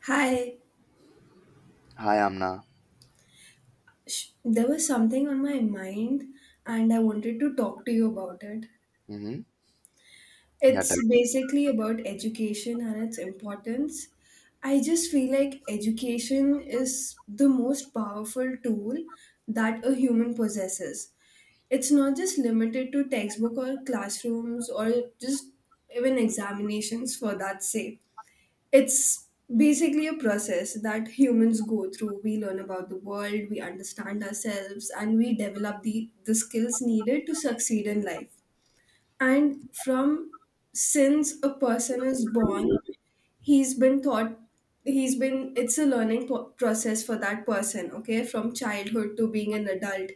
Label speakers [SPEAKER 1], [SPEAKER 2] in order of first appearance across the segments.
[SPEAKER 1] Hi,
[SPEAKER 2] Hi, Amna.
[SPEAKER 1] there was something on my mind, and I wanted to talk to you about it.
[SPEAKER 2] Mm-hmm. Yeah, tell
[SPEAKER 1] It's
[SPEAKER 2] me.
[SPEAKER 1] basically about education and its importance. I just feel like education is the most powerful tool that a human possesses. It's not just limited to textbook or classrooms or just even examinations for that sake. It's basically a process that humans go through. We learn about the world, we understand ourselves, and we develop the skills needed to succeed in life. And from since a person is born, he's been taught, he's been, it's a learning process for that person, okay, from childhood to being an adult.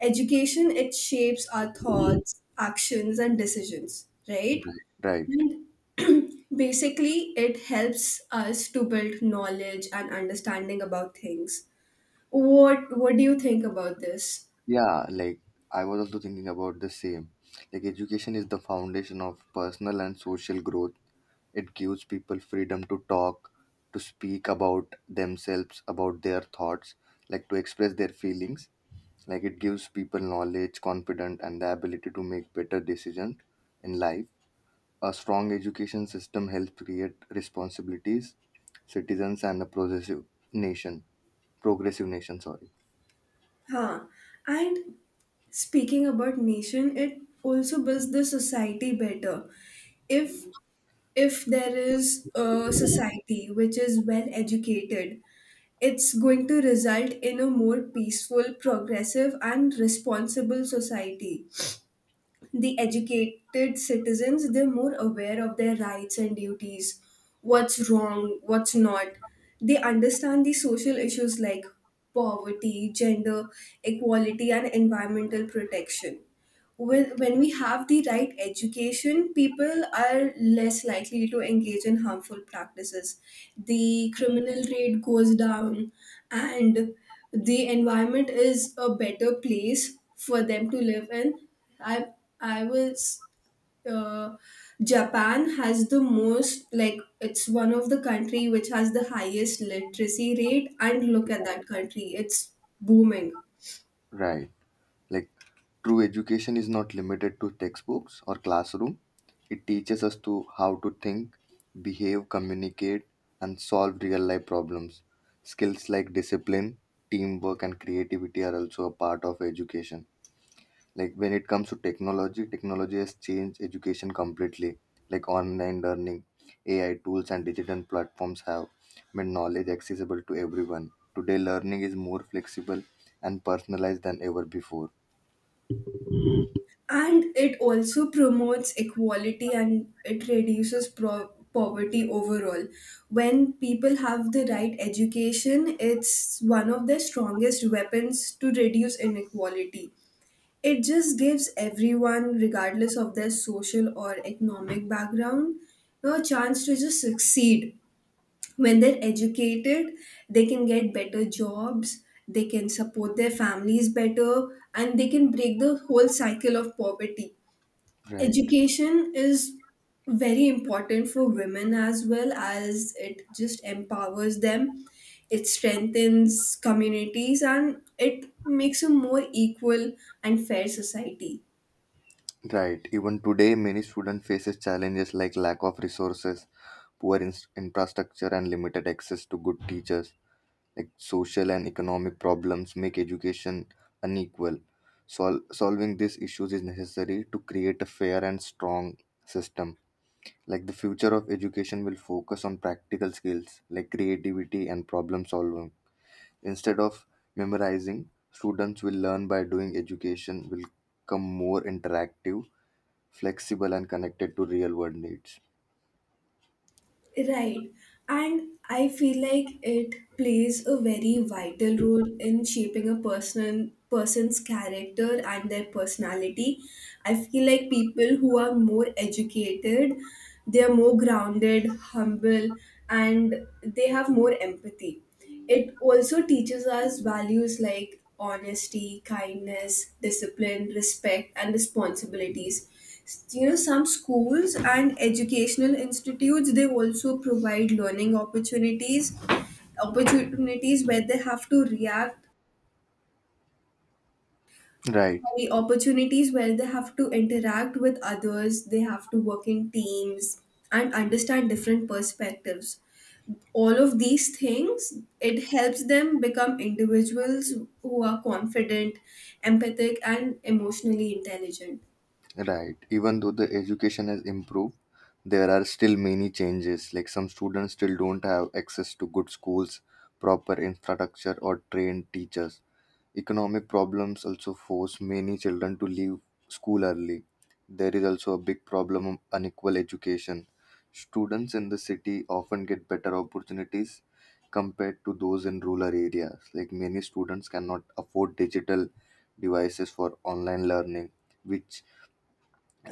[SPEAKER 1] Education, it shapes our thoughts, actions, and decisions, right?
[SPEAKER 2] Right. Right.
[SPEAKER 1] And basically, it helps us to build knowledge and understanding about things. What do you think about this?
[SPEAKER 2] Yeah, I was also thinking about the same. Like education is the foundation of personal and social growth. It gives people freedom to talk, to speak about themselves, about their thoughts, like to express their feelings. Like it gives people knowledge, confidence, and the ability to make better decisions in life. A strong education system helps create responsibilities, citizens, and a progressive nation. nation, sorry.
[SPEAKER 1] Huh. And speaking about nation, it also builds the society better. If if there is a society which is well educated, it's going to result in a more peaceful, progressive, and responsible society. The educated citizens, they're more aware of their rights and duties, what's wrong what's not. They understand the social issues like poverty, gender equality, and environmental protection. When we have the right education, people are less likely to engage in harmful practices. The criminal rate goes down, and the environment is a better place for them to live in. I I was uh, Japan has the most, like, it's one of the country which has the highest literacy rate, and look at that country, it's booming.
[SPEAKER 2] Right, like true education is not limited to textbooks or classroom. It teaches us to how to think, behave, communicate, and solve real life problems. Skills like discipline, teamwork and creativity are also a part of education. Like when it comes to technology, has changed education completely. Like online learning, AI tools and digital platforms have made knowledge accessible to everyone. Today learning is more flexible and personalized than ever before.
[SPEAKER 1] And it also promotes equality, and it reduces poverty overall. When people have the right education, it's one of the strongest weapons to reduce inequality. It just gives everyone, regardless of their social or economic background, you know, a chance to just succeed. When they're educated, they can get better jobs, they can support their families better, and they can break the whole cycle of poverty.
[SPEAKER 2] Right.
[SPEAKER 1] Education is very important for women as well, as it just empowers them. It strengthens communities, and it makes a more equal and fair society.
[SPEAKER 2] Right. Even today many students faces challenges like lack of resources, poor in- infrastructure and limited access to good teachers. Social and economic problems make education unequal. Solving these issues is necessary to create a fair and strong system. Like the future of education will focus on practical skills like creativity and problem solving. Instead of memorizing, students will learn by doing. Education will become more interactive, flexible and connected to real world needs.
[SPEAKER 1] Right. And I feel like it plays a very vital role in shaping a person's character and their personality. I feel like people who are more educated, they are more grounded, humble, and they have more empathy. It also teaches us values like honesty, kindness, discipline, respect, and responsibilities. You know, some schools and educational institutes, they also provide learning opportunities where they have to react,
[SPEAKER 2] Right.
[SPEAKER 1] sorry, opportunities where they have to interact with others. They have to work in teams and understand different perspectives. All of these things, it helps them become individuals who are confident, empathic, and emotionally intelligent.
[SPEAKER 2] Right. Even though the education has improved, there are still many changes. Like some students still don't have access to good schools, proper infrastructure, or trained teachers. Economic problems also force many children to leave school early. There is also a big problem of unequal education. Students in the city often get better opportunities compared to those in rural areas. Like many students cannot afford digital devices for online learning, which,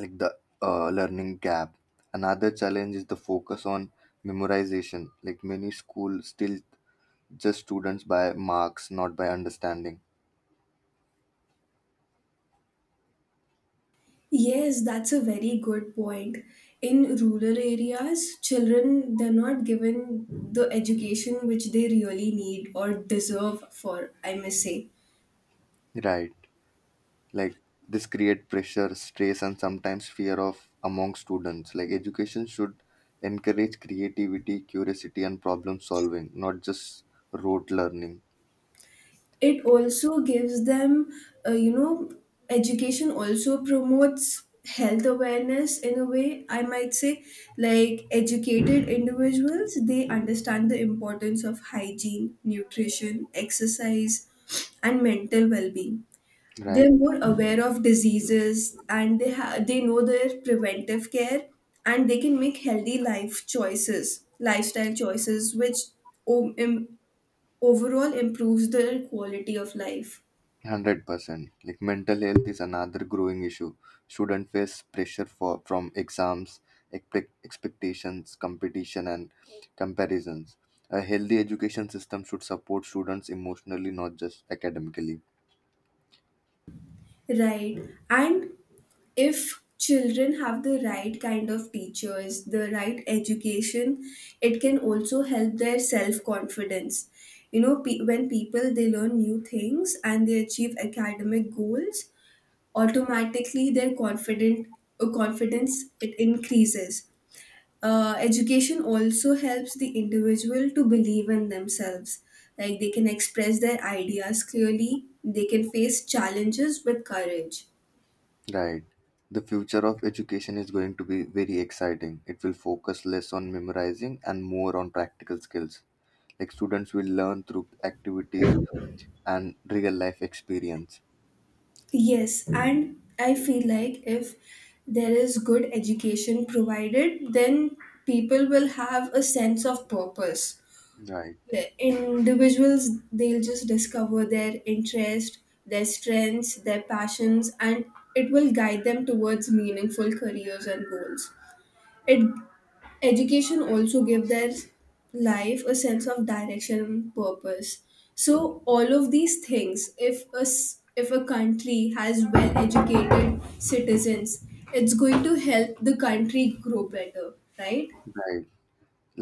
[SPEAKER 2] like, the learning gap. Another challenge is the focus on memorization. Like many schools still judge students by marks, not by understanding.
[SPEAKER 1] Yes, that's a very good point. In rural areas, children, they're not given the education which they really need or deserve for, I must say.
[SPEAKER 2] Right, like this create pressure, stress and sometimes fear of among students. Like education should encourage creativity, curiosity and problem solving, not just rote learning.
[SPEAKER 1] It also gives them, you know, education also promotes health awareness in a way, I might say. Like educated individuals, they understand the importance of hygiene, nutrition, exercise, and mental well being. They're
[SPEAKER 2] Right.
[SPEAKER 1] more aware of diseases, and they know their preventive care. And they can make healthy life choices, lifestyle choices, which o- im- overall improves their quality of life.
[SPEAKER 2] 100% like mental health is another growing issue. Students face pressure for from exams, expectations, competition and comparisons. A healthy education system should support students emotionally, not just academically.
[SPEAKER 1] Right. And if children have the right kind of teachers, the right education, it can also help their self confidence. You know, when people, they learn new things and they achieve academic goals, automatically their confident, confidence, it increases. Education also helps the individual to believe in themselves. Like they can express their ideas clearly, they can face challenges with courage.
[SPEAKER 2] Right. The future of education is going to be very exciting. It will focus less on memorizing and more on practical skills. Like students will learn through activities and real life experience.
[SPEAKER 1] Yes, and I feel like if there is good education provided, then people will have a sense of purpose.
[SPEAKER 2] Right.
[SPEAKER 1] The individuals, they'll just discover their interest, their strengths, their passions, and it will guide them towards meaningful careers and goals. It Education also give their life a sense of direction and purpose. So all of these things, if a country has well educated citizens, it's going to help the country grow better, right?
[SPEAKER 2] Right.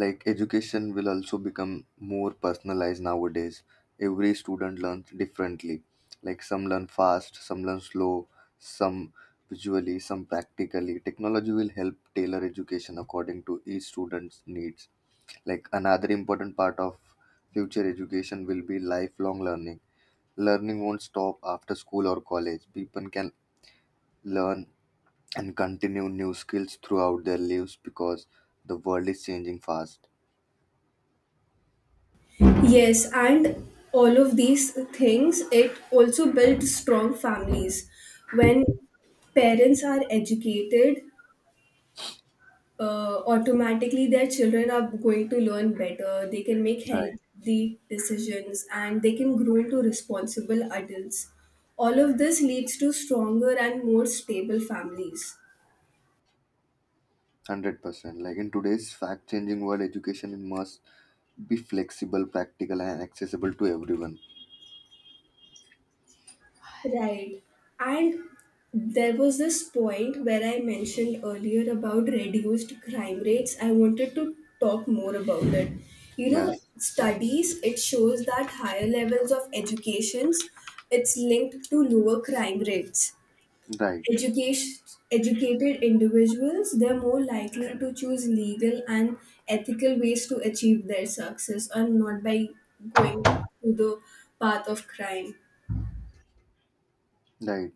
[SPEAKER 2] Like education will also become more personalized. Nowadays every student learns differently. Like some learn fast, some learn slow, some visually, some practically. Technology will help tailor education according to each student's needs. Like another important part of future education will be lifelong learning. Learning won't stop after school or college. People can learn and continue new skills throughout their lives because the world is changing fast.
[SPEAKER 1] Yes, and all of these things, it also builds strong families. When parents are educated, automatically their children are going to learn better. They can make healthy decisions and they can grow into responsible adults. All of this leads to stronger and more stable families.
[SPEAKER 2] 100%. Like in today's fact changing world, education must be flexible, practical, and accessible to everyone.
[SPEAKER 1] Right. And there was this point where I mentioned earlier about reduced crime rates. I wanted to talk more about it. You know,
[SPEAKER 2] Yes,
[SPEAKER 1] studies, it shows that higher levels of educations, it's linked to lower crime rates.
[SPEAKER 2] right,
[SPEAKER 1] Education Educated individuals, they're more likely to choose legal and ethical ways to achieve their success and not by going to the path of crime.
[SPEAKER 2] right.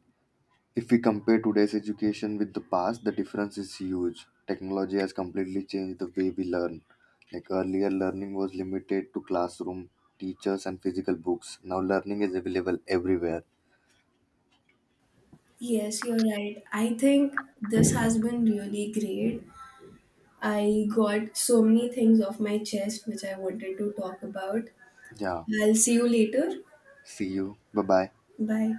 [SPEAKER 2] If we compare today's education with the past, the difference is huge. Technology has completely changed the way we learn. Like earlier, learning was limited to classroom, teachers, and physical books. Now, learning is available everywhere.
[SPEAKER 1] Yes, you're right. I think this has been really great. I got so many things off my chest which I wanted to talk about.
[SPEAKER 2] Yeah,
[SPEAKER 1] I'll see you later.
[SPEAKER 2] see you. Bye bye.
[SPEAKER 1] Bye.